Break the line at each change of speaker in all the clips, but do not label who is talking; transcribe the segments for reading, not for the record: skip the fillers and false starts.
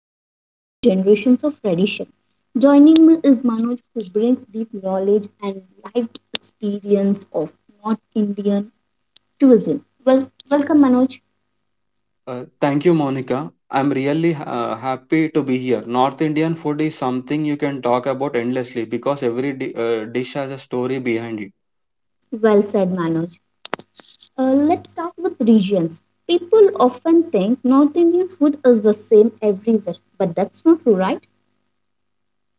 emotions and generations of tradition. Joining me is Manoj who brings deep knowledge and lived experience of North Indian cuisine. Well, welcome Manoj.
Thank you, Monica. I'm really happy to be here. North Indian food is something you can talk about endlessly because every di dish has a story behind it.
Well said Manoj. Let's start with regions. People often think North Indian food is the same everywhere, but that's not true, right?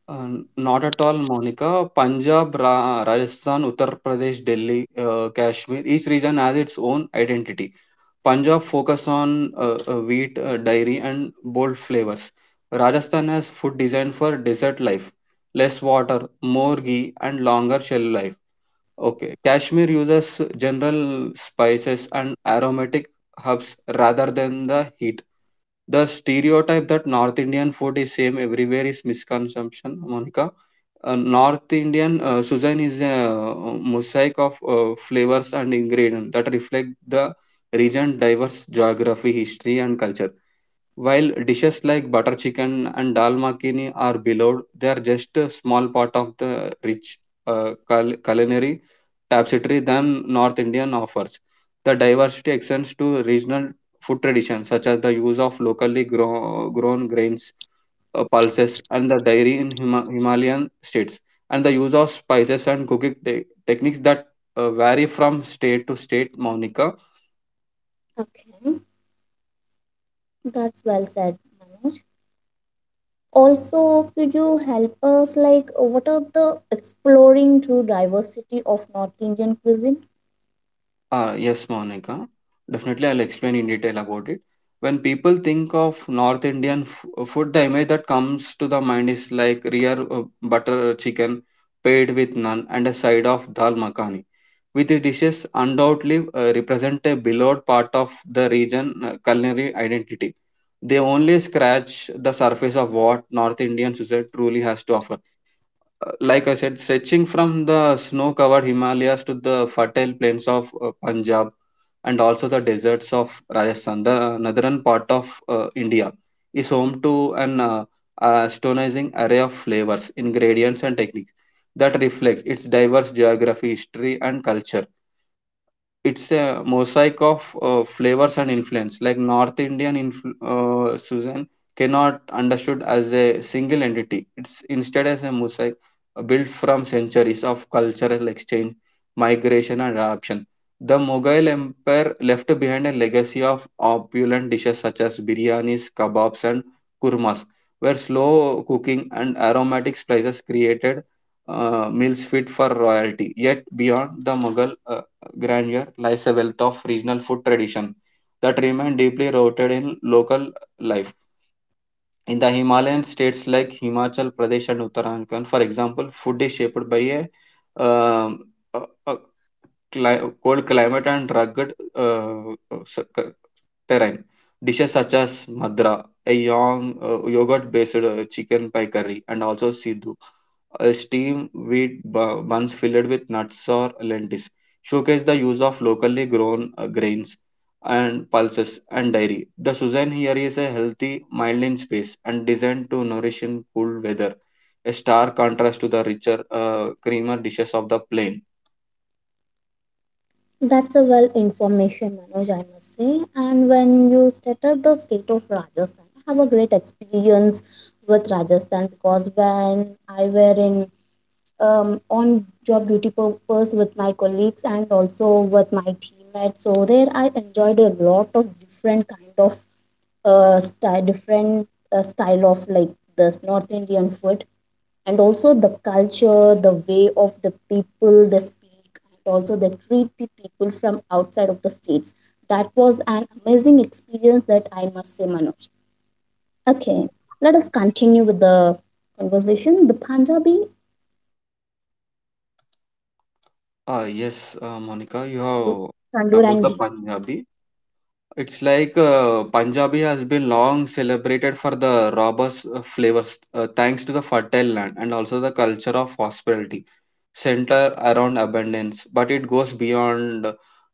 Uh, not at all, Monica. Punjab, Ra Rajasthan, Uttar Pradesh, Delhi, Kashmir, each region has its own identity. Punjab focus on wheat, dairy, and bold flavors. Rajasthan has food designed for desert life, less water, more ghee, and longer shelf life. Okay, Kashmir uses general spices and aromatic herbs rather than the heat. The stereotype that North
Well
Indian
done.
food is
That
same
gives a,
everywhere
a
is
clear
misconception, Monica.
explanation on
North Indian cuisine is a mosaic of flavors and ingredients that reflect the region's diverse geography, history, and culture. While dishes like butter chicken and dal makhani are beloved, they are just a small part of the rich culinary tapestry than North Indian offers. The diversity extends to regional food traditions, such as the use of locally grown grains, pulses, and the dairy in Himalayan states, and the use of spices and cooking techniques that vary from state to state, Monica.
that. Okay, that's well said, Manoj. Also, could you help us, like, what are the exploring through diversity of North Indian cuisine?
Yes, Monica. Definitely, I'll explain in detail about it. When people think of North Indian food, the image that comes to the mind is like rare butter chicken paired with naan and a side of dal makhani. With these dishes, undoubtedly represent a beloved part of the region culinary identity. They only scratch the surface of what North Indian cuisine truly has to offer. Like I said, stretching from the snow covered Himalayas to the fertile plains of Punjab and also the deserts of Rajasthan, the northern part of India, is home to an astonishing array of flavors, ingredients, and techniques that reflects its diverse geography, history, and culture. It's a mosaic of flavors and influence. Like North Indian susan cannot understood as a single entity, it's instead as a mosaic built from centuries of cultural exchange, migration and adoption. The Mughal empire left behind a legacy of opulent dishes such as biryanis, kebabs and kurmas, where slow cooking and aromatic spices created meals fit for royalty. Yet beyond the Mughal grandeur lies a wealth of regional food tradition that remain deeply rooted in local life. In the Himalayan states like Himachal Pradesh and Uttarakhand, for example, food is shaped by a, um, a, a cold climate and rugged uh, uh, s- c- terrain. Dishes such as madra, a young yogurt-based chicken pie curry, and also sidhu, a steamed wheat buns filled with nuts or lentils. Showcase the use of locally grown grains and pulses and dairy. The Suzanne here is a healthy, mild in space and designed to nourish in cool weather. A stark contrast to the richer, creamer dishes of the plain.
That's a well information, Manoj, I must say. And when you stated the state of Rajasthan, I have a great experience with Rajasthan because when I were in on job duty purpose with my colleagues and also with my teammates. So there, I enjoyed a lot of different kind of style, different style of like this North Indian food, and also the culture, the way of the people they speak, and also they treat the people from outside of the states. That was an amazing experience that I must say, Manoj. Okay, let us continue with the conversation. The Punjabi, how about the
Ah, yes,
heartland more
Monica,
than
you have
tandoor
about
and
the
ghee?
Punjabi. It's like Punjabi has been long celebrated for the robust flavors, thanks to the fertile land and also the culture of hospitality, centered around abundance. But it goes beyond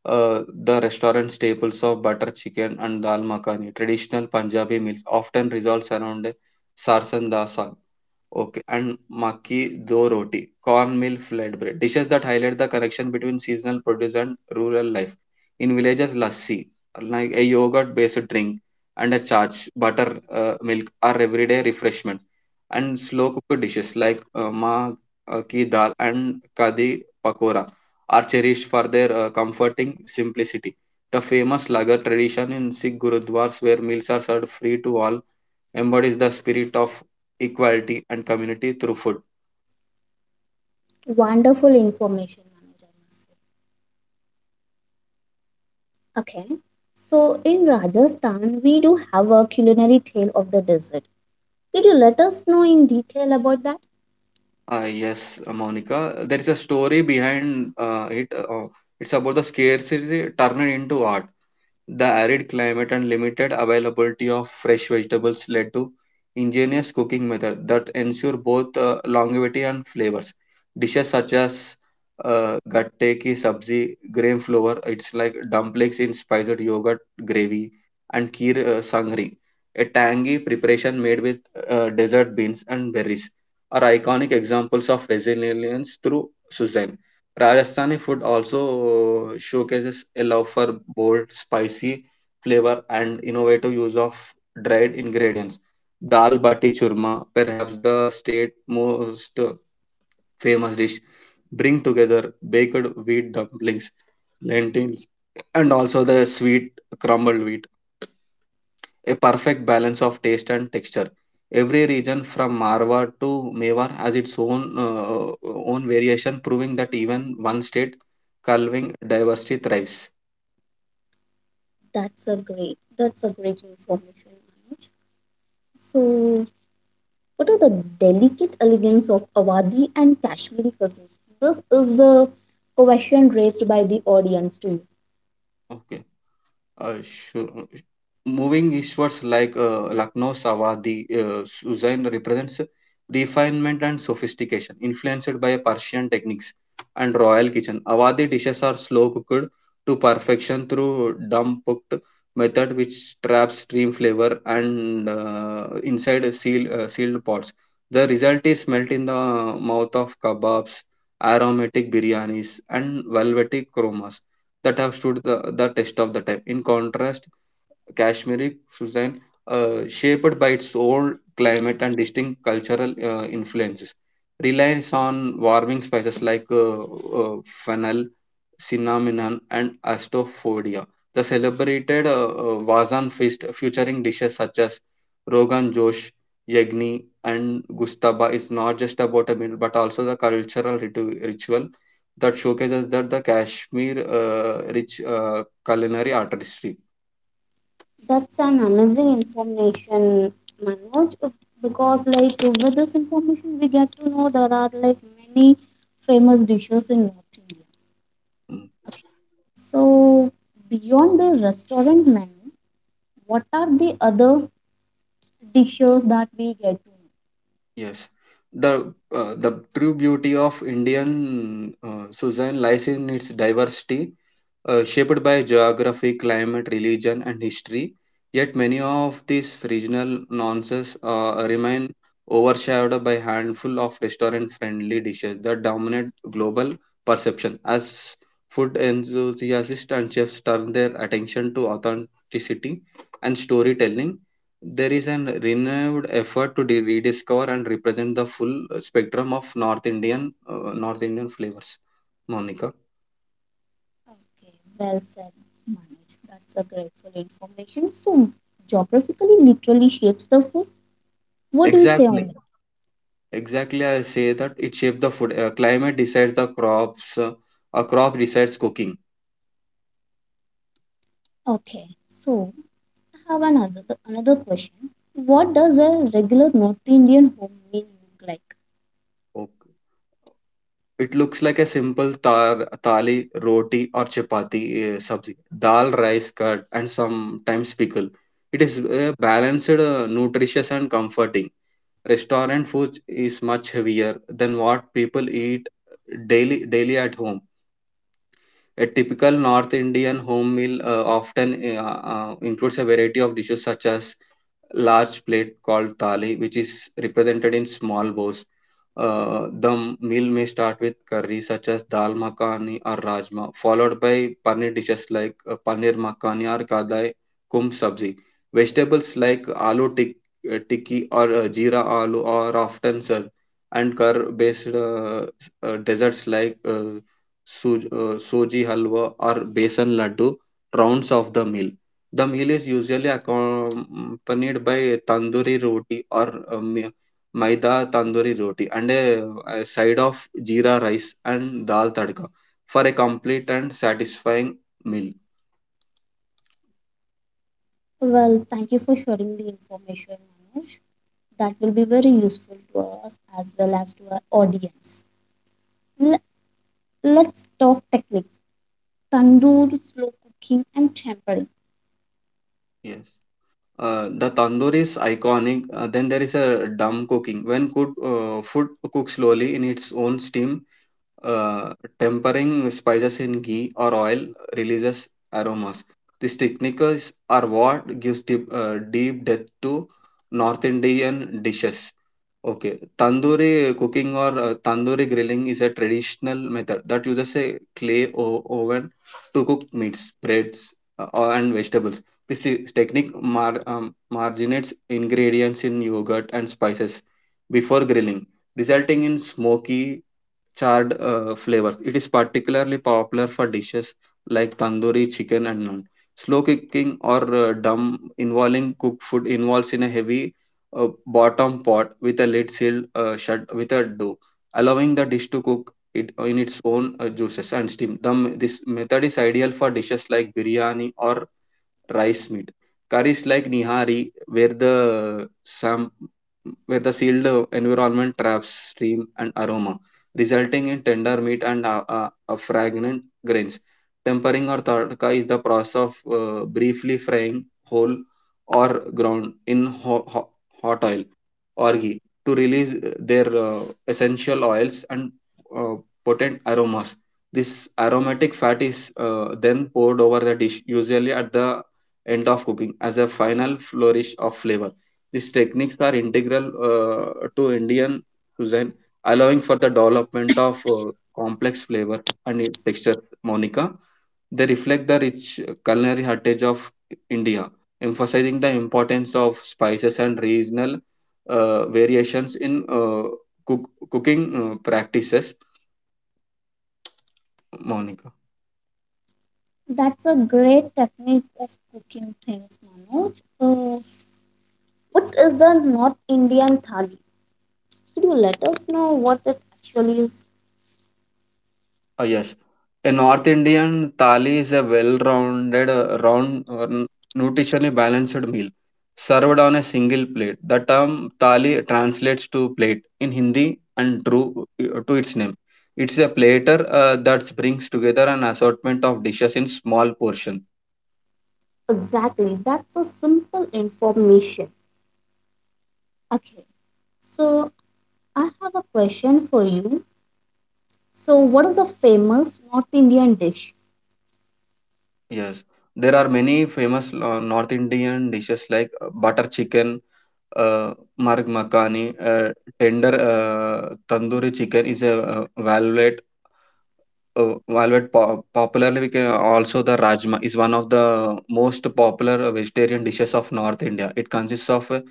the restaurant staples of butter chicken and dal makhani. Traditional Punjabi meals often revolves around a sarson. Okay, and maki do roti, cornmeal flatbread, dishes that highlight the connection between seasonal produce and rural life. In villages, lassi, like a yogurt-based drink, and a chach, butter, milk are everyday refreshments. And slow-cooked dishes like ma ki dal and kadi pakora are cherished for their comforting simplicity. The famous lagar tradition in Sikh gurudwars, where meals are served free to all, embodies the spirit of equality and community through food.
Wonderful information, Manoj, I must say. Okay. So in Rajasthan, we do have a culinary tale of the desert. Could you let us know in detail about that?
Ah, yes, Monica. There is a story behind it. It's about the scarcity turned into art. The arid climate and limited availability of fresh vegetables led to ingenious cooking methods that ensure both longevity and flavors. Dishes such as gatte ki sabzi, gram flour, it's like dumplings in spiced yogurt gravy, and kheer sangri, a tangy preparation made with desert beans and berries, are iconic examples of resilience through Suzanne. Rajasthani food also showcases a love for bold, spicy flavor and innovative use of dried ingredients. Dal bati churma, perhaps the state most famous dish, bring together baked wheat dumplings, lentils, and also the sweet crumbled wheat, a perfect balance of taste and texture. Every region from Marwar to Mewar has its own own variation, proving that even one state culving diversity thrives.
That's a great information, Manoj. So what are the delicate elegance of Awadhi and Kashmiri cousins? This is the question raised by the audience to you.
Okay. Sure. Moving eastwards, like Lucknow Sawadhi, Suzanne represents refinement and sophistication, influenced by Persian techniques and royal kitchen. Awadhi dishes are slow cooked to perfection through dumb cooked method, which traps stream flavor and inside sealed pots. The result is melt in the mouth of kebabs, aromatic biryanis, and velvety kromas that have stood the test of the time. In contrast, Kashmiri cuisine, shaped by its old climate and distinct cultural influences, relies on warming spices like fennel, cinnamon, and astrophoria. The celebrated Vazan feast, featuring dishes such as Rogan Josh, Yegni, and Gustaba, is not just about a meal but also the cultural ritual that showcases that the Kashmir rich culinary artistry.
That's an amazing information, Manoj, because with this information we get to know there are like many famous dishes in North India.
Mm.
Okay. So beyond the restaurant menu, what are the other dishes that we get to know?
Yes, the true beauty of Indian cuisine lies in its diversity shaped by geography, climate, religion, and history. Yet many of these regional nuances remain overshadowed by handful of restaurant-friendly dishes that dominate global perception as food enthusiasts and chefs turn their attention to authenticity and storytelling. There is an renewed effort to rediscover and represent the full spectrum of North Indian North Indian flavors, Monica.
Okay, well said, Manoj. That's a grateful information. So geographically literally shapes the food. What do you say on
Exactly.
it?
Exactly, I say that it shapes the food. Climate decides the crops. A crop decides cooking.
Okay. So I have another question. What does a regular North Indian home meal look like?
Okay. It looks like a simple tar, thali, roti, or chapati sabzi. Dal, rice, curd, and sometimes pickle. It is balanced, nutritious, and comforting. Restaurant food is much heavier than what people eat daily at home. A typical North Indian home meal often includes a variety of dishes such as large plate called thali, which is represented in small bowls. The meal may start with curry such as dal makhani or rajma, followed by paneer dishes like paneer makhani or kadai kum sabzi. Vegetables like aloo tikki or jeera aloo are often served, and curd-based desserts like soji halwa or besan laddu rounds off the meal. The meal is usually accompanied by tandoori roti or uh, mi- maida tandoori roti and a side of jeera rice and dal tadka for a complete and satisfying meal.
Well, thank you for sharing the information, Manoj. That will be very useful to us as well as to our audience. L- let's talk techniques. Tandoor, slow cooking, and tempering.
Yes. The tandoor is iconic. Then there is a dum cooking. When cook, food cooks slowly in its own steam. Tempering spices in ghee or oil releases aromas. These techniques are what gives deep depth to North Indian dishes. Okay, tandoori cooking or tandoori grilling is a traditional method that uses a clay oven to cook meats, breads, and vegetables. This technique marinates ingredients in yogurt and spices before grilling, resulting in smoky charred flavors. It is particularly popular for dishes like tandoori chicken and naan. Slow cooking or dum involving cooked food involves in a heavy bottom pot with a lid sealed shut with a dough, allowing the dish to cook it in its own juices and steam. This method is ideal for dishes like biryani or rice meat. Curries like nihari, where where the sealed environment traps steam and aroma, resulting in tender meat and fragrant grains. Tempering or tadka is the process of briefly frying whole or ground in hot oil or ghee to release their essential oils and uh, potent aromas. This aromatic fat is then poured over the dish, usually at the end of cooking as a final flourish of flavor. These techniques are integral to Indian cuisine, allowing for the development of complex flavors and textures, Monica. They reflect the rich culinary heritage of India, emphasizing the importance of spices and regional variations in cooking practices, Monica.
That's a great technique of cooking things, Manoj. What is the North Indian thali? Could you let us know what it actually is?
Oh, yes. A North Indian thali is a round, nutritionally balanced meal served on a single plate. The term thali translates to plate in Hindi and true to its name. It's a platter that brings together an assortment of dishes in small portion.
Exactly. That's a simple information. Okay, so I have a question for you. So, what is a famous North Indian dish?
Yes, there are many famous North Indian dishes like butter chicken, uh, marg makhani, tender tandoori chicken is a value Velvet po popularly we can also the rajma is one of the most popular vegetarian dishes of North India. It consists of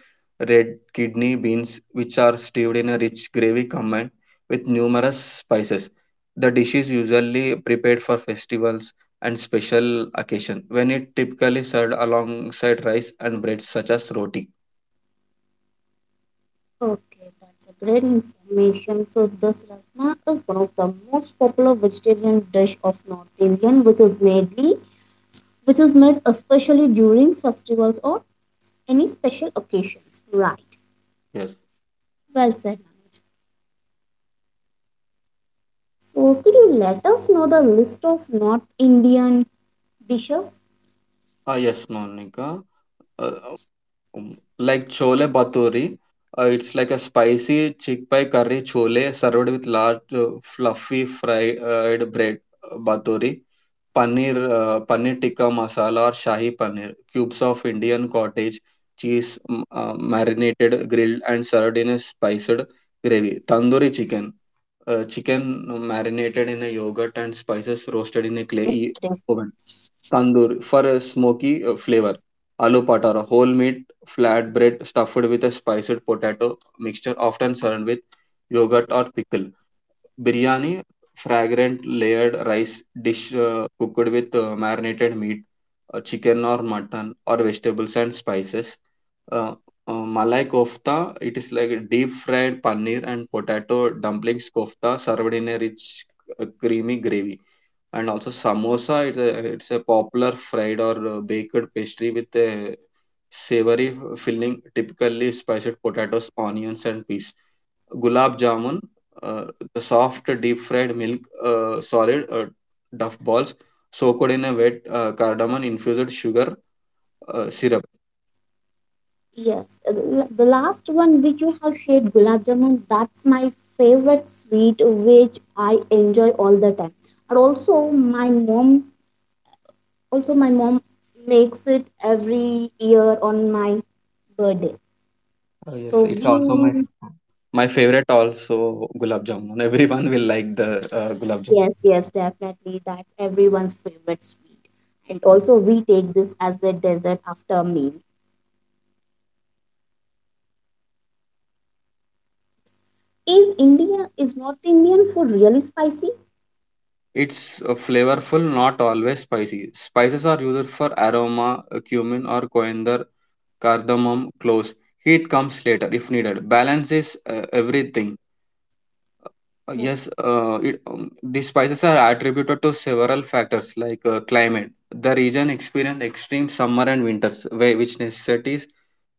red kidney beans which are stewed in a rich gravy combined with numerous spices. The dish is usually prepared for festivals and special occasion when it typically served alongside rice and bread such as roti.
Okay, that's a great information. So, this rasna is one of the most popular vegetarian dish of North Indian, which is mainly which is made especially during festivals or any special occasions. Right.
Yes.
Well said, Manoj. So, could you let us know the list of North Indian dishes?
Yes, Monica. Uh, Like chole bhature, it's like a spicy chickpea curry chole served with large fluffy fried bread bhature, paneer tikka masala or shahi paneer, cubes of Indian cottage cheese marinated, grilled and served in a spiced gravy. Tandoori chicken, chicken marinated in a yogurt and
Wow,
spices
that's my
roasted in a clay
favorite dish.
oven. Tandoori for a smoky flavor. Aloo patara, whole meat flat bread stuffed with a spiced potato mixture, often served with yogurt or pickle. Biryani, fragrant layered rice dish cooked with marinated meat, chicken or mutton or vegetables and spices. Uh, Malai kofta, it is like a deep fried paneer and potato dumplings kofta served in a rich, creamy gravy, and also samosa, it's a popular fried or baked pastry with a savory filling, typically spiced potatoes, onions and peas. Gulab jamun, uh, the soft deep fried milk solid duff balls soaked in a wet cardamom infused sugar syrup.
Yes, the last one which you have shared, gulab jamun, that's my favorite sweet which I enjoy all the time. And also my mom makes it every year on my birthday.
Yes,
So
it's also my
we,
my favorite also, gulab jamun. Everyone will like the gulab jamun.
yes, yes, definitely, that's everyone's favorite sweet. And also we take this as a dessert after meal. Is India, is North Indian food really spicy?
It's flavorful, not always spicy. Spices are used for aroma, cumin or coriander, cardamom, cloves. Heat comes later if needed. Balance is everything.
Uh,
Yes, these spices are attributed to several factors like climate. The region experiences extreme summer and winters, where, which necessitates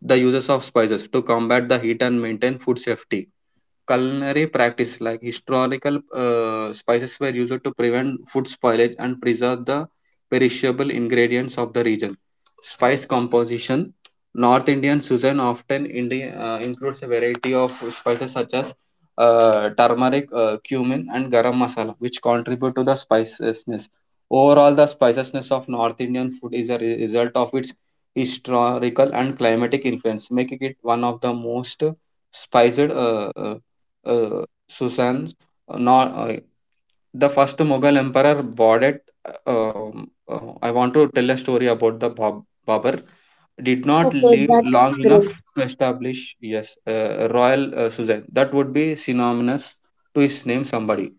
the uses of spices to combat the heat and maintain food safety. Culinary practice, like historical spices were used to prevent food spoilage and preserve the perishable ingredients of the region. Spice composition. North Indian cuisine often includes a variety of spices such as turmeric, cumin, and garam masala, which contribute to the spiciness. Overall, the spiciness of North Indian food is a result of its historical and climatic influence, making it one of the most spiced Susan's, not the first Mughal emperor Baudit. I want to tell a story about the Babur. Did not
Okay,
live
that's
long
great.
enough to establish, yes, royal Suzanne, that would be synonymous to his name somebody.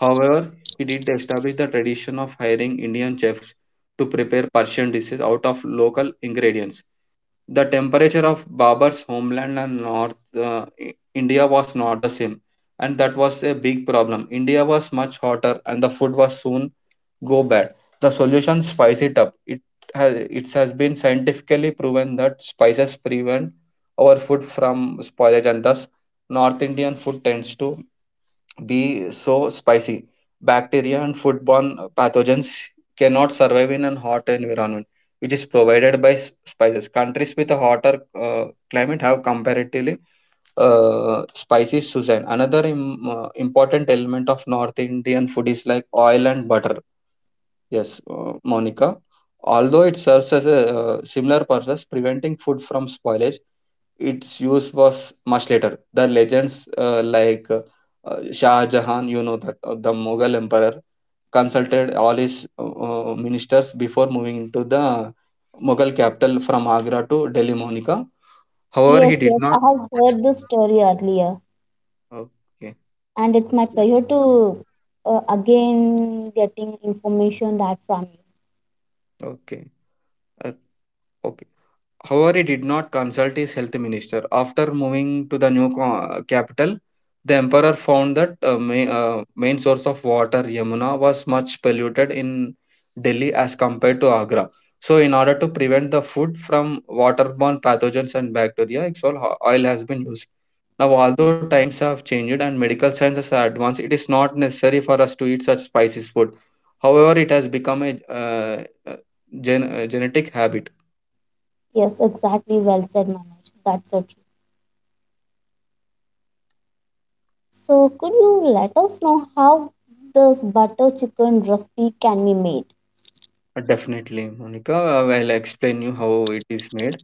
However, he did establish the tradition of hiring Indian chefs to prepare Persian dishes out of local ingredients. The temperature of Babur's homeland and North India was not the same, and that was a big problem. India was much hotter, and the food was soon go bad. The solution, spice it up. Has it has been scientifically proven that spices prevent our food from spoilage, and thus North Indian food tends to be so spicy. Bacteria and foodborne pathogens cannot survive in a hot environment, which is provided by spices. Countries with a hotter climate have comparatively spicy cuisine. Another important element of North Indian food is like oil and butter. Yes, Monica. Although it serves as a similar purpose, preventing food from spoilage, its use was much later. The legends Shah Jahan, you know that the Mughal emperor consulted all his ministers before moving into the Mughal capital from Agra to Delhi, Monica. However, he
Yes,
did
yes, I
not.
have heard this story earlier,
Okay.
and it's my
Yes.
pleasure to again getting information that from you.
Okay. Uh, okay. However, he did not consult his health minister. After moving to the new capital, the emperor found that main source of water, Yamuna, was much polluted in Delhi as compared to Agra. So, in order to prevent the food from waterborne pathogens and bacteria, exol oil has been used. Now, although times have changed and medical science has advanced, it is not necessary for us to eat such spicy food. However, it has become a genetic habit.
Yes, exactly. Well said, Manoj. That's so true. So, could you let us know how this butter chicken recipe can be made?
Definitely, Monica. I will explain you how it is made.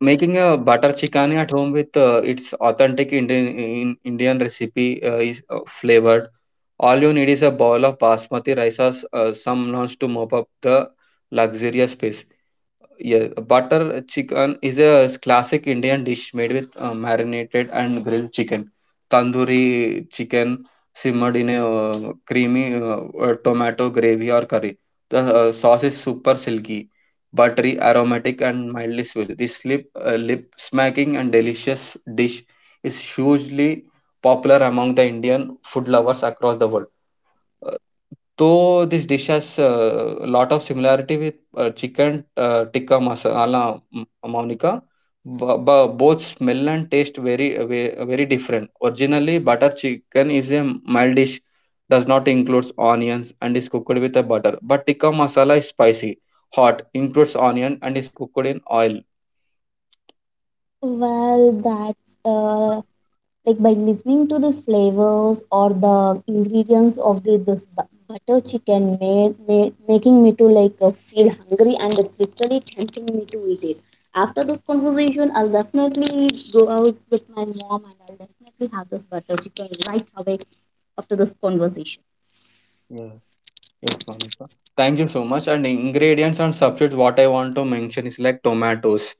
Making a butter chicken at home with its authentic Indian recipe is flavored. All you need is a bowl of basmati rice or some nones to mop up the luxurious space. Yeah, butter chicken is a classic Indian dish made with marinated and grilled chicken, tandoori chicken, simmered in a creamy tomato gravy or curry. The sauce is super silky, buttery, aromatic, and mildly sweet. This lip smacking and delicious dish is hugely popular among the Indian food lovers across the world. So this dish has a lot of similarity with chicken tikka masala, Monica. Both smell and taste very, very different. Originally, butter chicken is a mild dish, does not includes onions and is cooked with a butter. But tikka masala is spicy, hot, includes onion and is cooked in oil.
Well, that's a. Like by listening to the flavors or the ingredients of the this butter chicken made making me to like feel hungry and it's literally tempting me to eat it after this conversation I'll definitely go out with my mom and I'll definitely have this butter chicken right away after this conversation.
Yeah. Yes, Monica. Thank you so much. And ingredients and substitutes, what I want to mention is like tomatoes.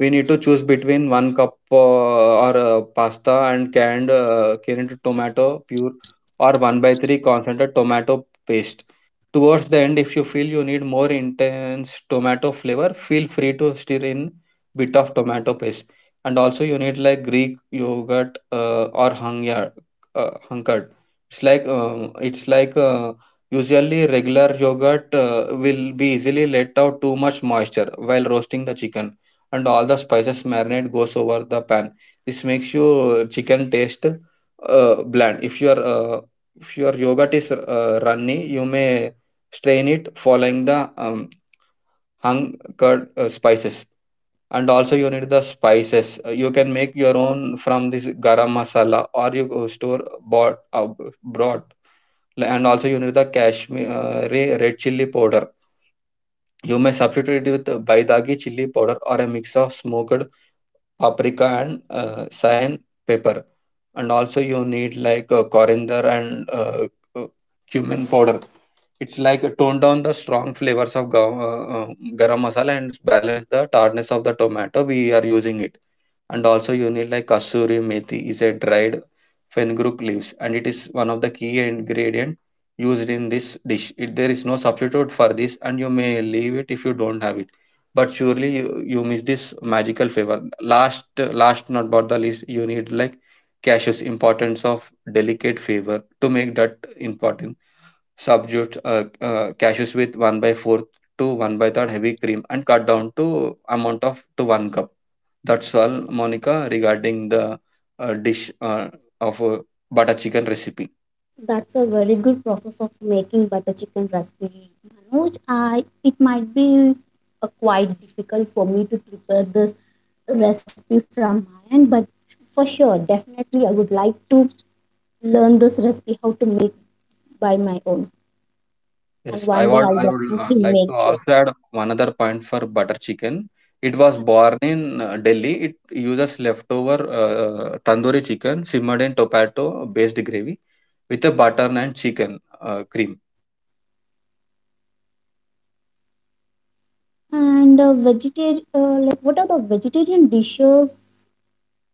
We need to choose between 1 cup or pasta and canned tomato pure, or 1 by 3 concentrated tomato paste towards the end. If you feel you need more intense tomato flavor, feel free to stir in bit of tomato paste. And also you need like greek yogurt or hungyard, hunkered. It's like usually regular yogurt will be easily let out too much moisture while roasting the chicken, and all the spices marinade goes over the pan. This makes your chicken taste bland. If your yogurt is runny, you may strain it following the hung curd spices. And also you need the spices. You can make your own from this garam masala, or you go store bought, brought. And also you need the cashmere red chili powder. You may substitute it with baidagi chili powder or a mix of smoked paprika and cayenne pepper. And also you need like coriander and uh, uh, cumin powder. It's like tone down the strong flavors of garam masala and balance the tartness of the tomato we are using it. And also you need like kasuri methi, is a dried fenugreek leaves, and it is one of the key ingredient used in this dish. There is no substitute for this, and you may leave it if you don't have it, but surely you miss this magical flavor. Last not but the least, you need like cashews, importance of delicate flavor, to make that important. Substitute cashews with 1 by 4 to 1 by 3rd heavy cream, and cut down to amount of to 1 cup. That's all, Monica, regarding the dish of butter chicken recipe.
That's a very good process of making butter chicken recipe, Manoj. I it might be quite difficult for me to prepare this recipe from my end, but for sure, definitely, I would like to learn this recipe how to make by my own, and
Yes, i
one day
want
I'll
i would
definitely
like to
make sure.
also add one other point for butter chicken. It was
Okay.
born in Delhi. It uses leftover tandoori chicken simmered in tomato based gravy with a butter and chicken cream.
And like what are the vegetarian dishes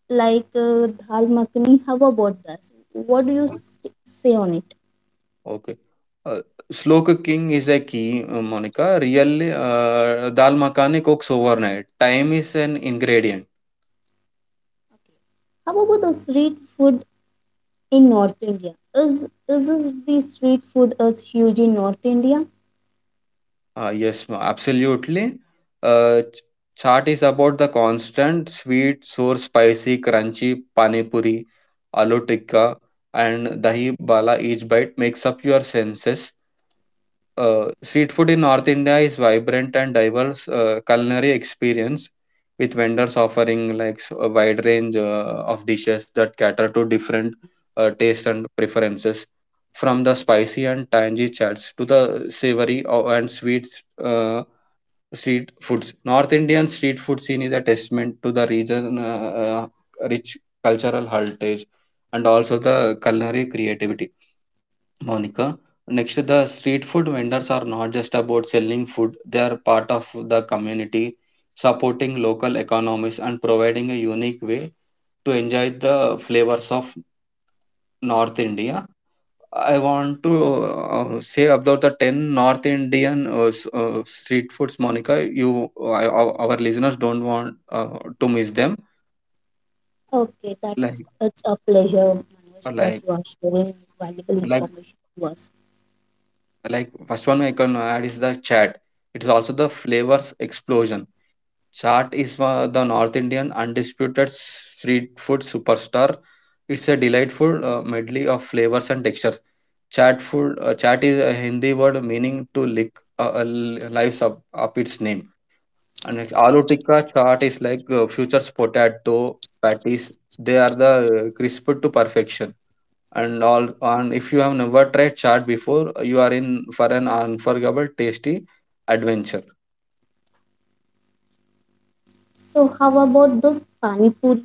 like dal makhani? How about that? So, what do you say on it?
Okay slow cooking is the Monika really आह दाल मांकने को एक sober नहीं time is an ingredient.
Okay. How about the street food in North India? Is the street food is huge in North India?
Ah yes absolutely. Ah chaat is about the constant sweet sour spicy crunchy pani puri aloo tikka and dahi bhalla is bite makes up your senses. Street food in North India is vibrant and diverse culinary experience, with vendors offering like a wide range of dishes that cater to different tastes and preferences, from the spicy and tangy chats to the savory and sweet uh, street foods. North Indian street food scene is a testament to the region rich cultural heritage and also the culinary creativity, Monica. Next, the street food vendors are not just about selling food, they are part of the community, supporting local economies and providing a unique way to enjoy the flavors of North India. I want to say about the 10 North Indian street foods, Monica. Our listeners don't want to miss them.
Okay, that's
Like,
it's a pleasure, Manoj, that
like,
you are sharing valuable
like,
information to us.
like, first one I can add is the chat. It is also the flavors explosion. Chaat is the North Indian undisputed street food superstar. It's a delightful medley of flavors and textures. Chaat food, chaat is a Hindi word meaning to lick, uh, uh, lives up its name. And like aloo tikka chaat is like futures potato patties. They are the crisped to perfection. And all, and if you have never tried chaat before, you are in for an unforgettable, tasty adventure.
So, how about this pani puri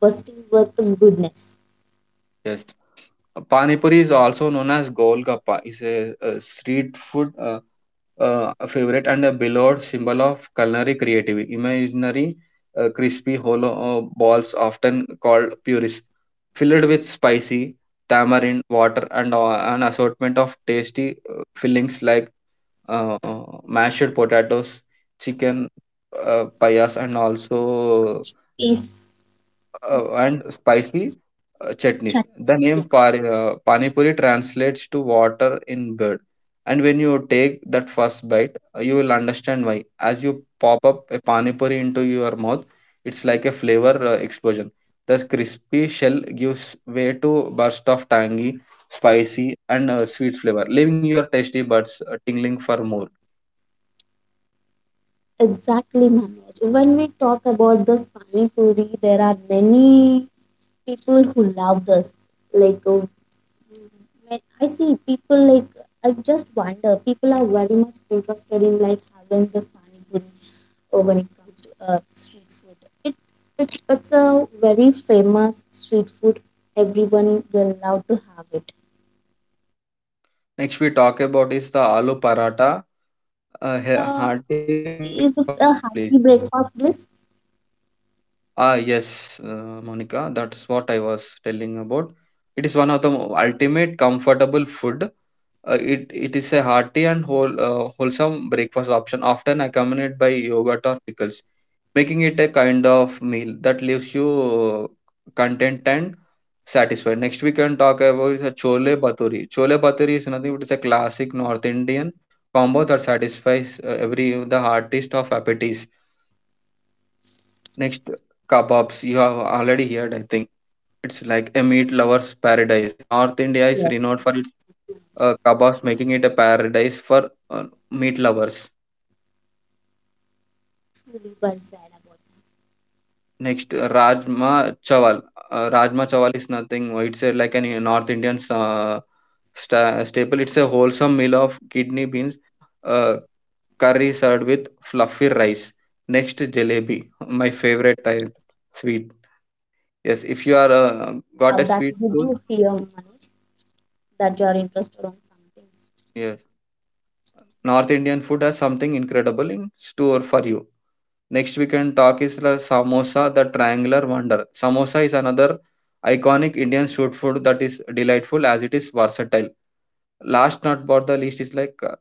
bursting with goodness?
Yes. Pani puri, is also known as Golgappa, is a street food favorite and a beloved symbol of culinary creativity. Imaginary crispy hollow balls, often called puris, filled with spicy tamarind water and an assortment of tasty fillings like uh, mashed potatoes, chicken payas, and also
Yes,
and spicy chutneys.
chutney.
The name
Yeah,
Pani Puri translates to water in bird. And when you take that first bite, you will understand why. As you pop up a Pani Puri into your mouth, it's like a flavor explosion. The crispy shell gives way to burst of tangy, spicy, and sweet flavor, leaving your tasty buds tingling for more.
exactly, Manoj. When we talk about this pani puri, there are many people who love this. Like uh, when I see people like I just wonder people are very much interested in like having this panipuri when it comes to street food. It, it it's a very famous street food. Everyone will love to have it.
Next, we
Okay,
talk about is the
so
aloo
how
paratha,
about this aloo
a
paratha?
hearty breakfast
Is
place.
it a hearty breakfast bliss?
Ah, yes, Monica, that's what I was telling about. It is one of the ultimate comfortable food. It is a hearty and wholesome breakfast option, often accompanied by yogurt or pickles, making it a kind of meal that leaves you content and satisfied. Next, we can talk about is a chole bhaturi. Chole bhaturi is nothing but it's a classic North Indian combo that satisfies every the heartiest of appetites. Next, kebabs. You have already heard, I think. It's like a meat lover's paradise. North India is
Yes,
renowned for
it's
its kebabs, making it a paradise for meat lovers.
truly well said about.
Next, Rajma Chawal. Rajma Chawal is nothing. It's a, like a North Indian staple. It's a wholesome meal of kidney beans, uh, curry served with fluffy rice. Next, jalebi, my favorite type sweet. Yes, if you are
Wow,
got a
that's
sweet
good
tooth,
to hear, Manoj, that you are interested on something.
yeah, North Indian food has something incredible in store for you. Next we can talk is the samosa, the triangular wonder. Samosa is another iconic Indian street food that is delightful as it is versatile. Last not but the least is like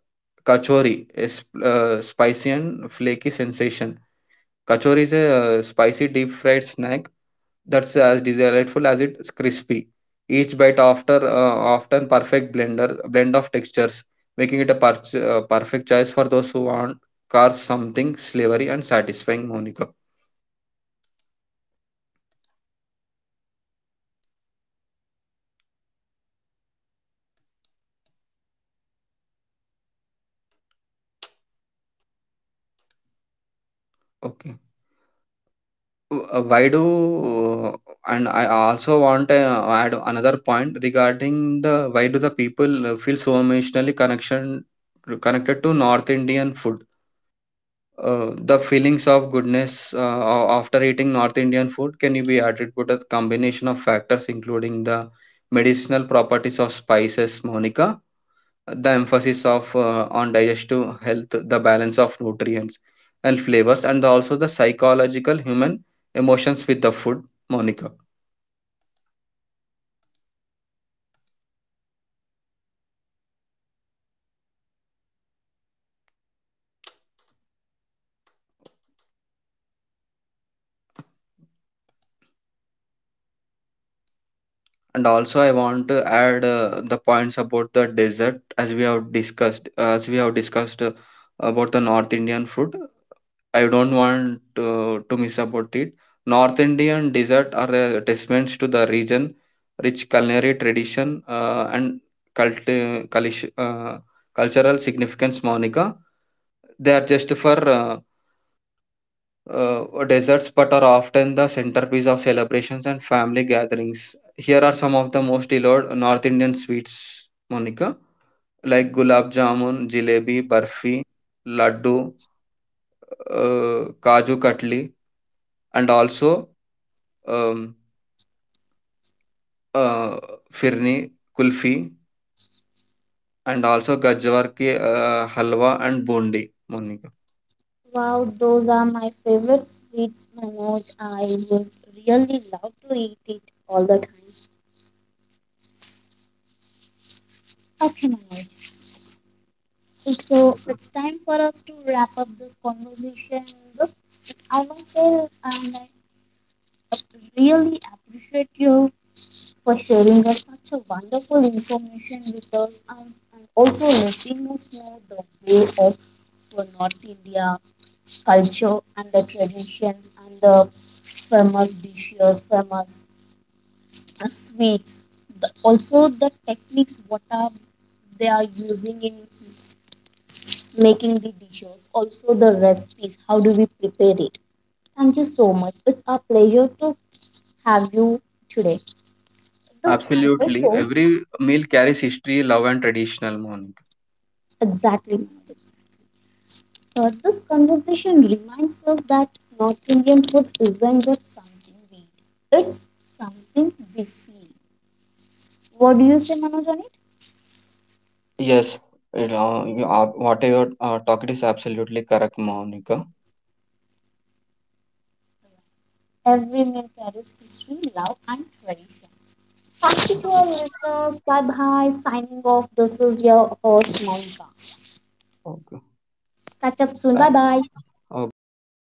kachori, a spicy and flaky sensation. Kachori is a spicy deep fried snack that's as delightful as it's crispy. Each bite after often perfect blend of textures, making it a perfect choice for those who want cars something savory and satisfying. Monica, okay. Why do and I also want to add another point regarding the why do the people feel so emotionally connection connected to North Indian food? The feelings of goodness after eating North Indian food can be attributed to a combination of factors including the medicinal properties of spices, Monica, the emphasis of on digestive health, the balance of nutrients and flavors, and also the psychological human emotions with the food, Monica. And also, I want to add the points about the dessert, as we have discussed about the North Indian food. I don't want to miss about it. North Indian dessert are a testaments to the region, rich culinary tradition and cult, uh, culish- uh, cultural significance. Monica, they are just for desserts, but are often the centerpiece of celebrations and family gatherings. Here are some of the most beloved North Indian sweets, Monica, like gulab jamun, jalebi, barfi, laddu, kaju katli, and also um, uh, firni, kulfi, and also gajwar ki halwa and bundi, Monica.
Wow, those are my favorite sweets, Manoj. I would really love to eat it all the time. Okay, Manoj. So it's time for us to wrap up this conversation. This, I must say, um, I really appreciate you for sharing us such a wonderful information with us, and, also letting us know the way of for North India culture and the traditions and the famous dishes, famous sweets, the, also the techniques what are they are using in making the dishes, also the recipes how do we prepare it. Thank you so much. It's a pleasure to have you today. The, and
Absolutely,
also
every meal carries history, love, and traditional, Monica.
exactly Manoj, this conversation reminds us that North Indian food isn't just something we eat, it's something we feel. What do you say Manoj on
Yes, you know, you are, what you are talking is absolutely correct, Monica.
it? Every meal carries history, love and tradition. Thank you to our listeners. Bye bye. Signing off. This is your host, Monica.
Okay,
Catch up soon.
thank,
Bye bye.
uh,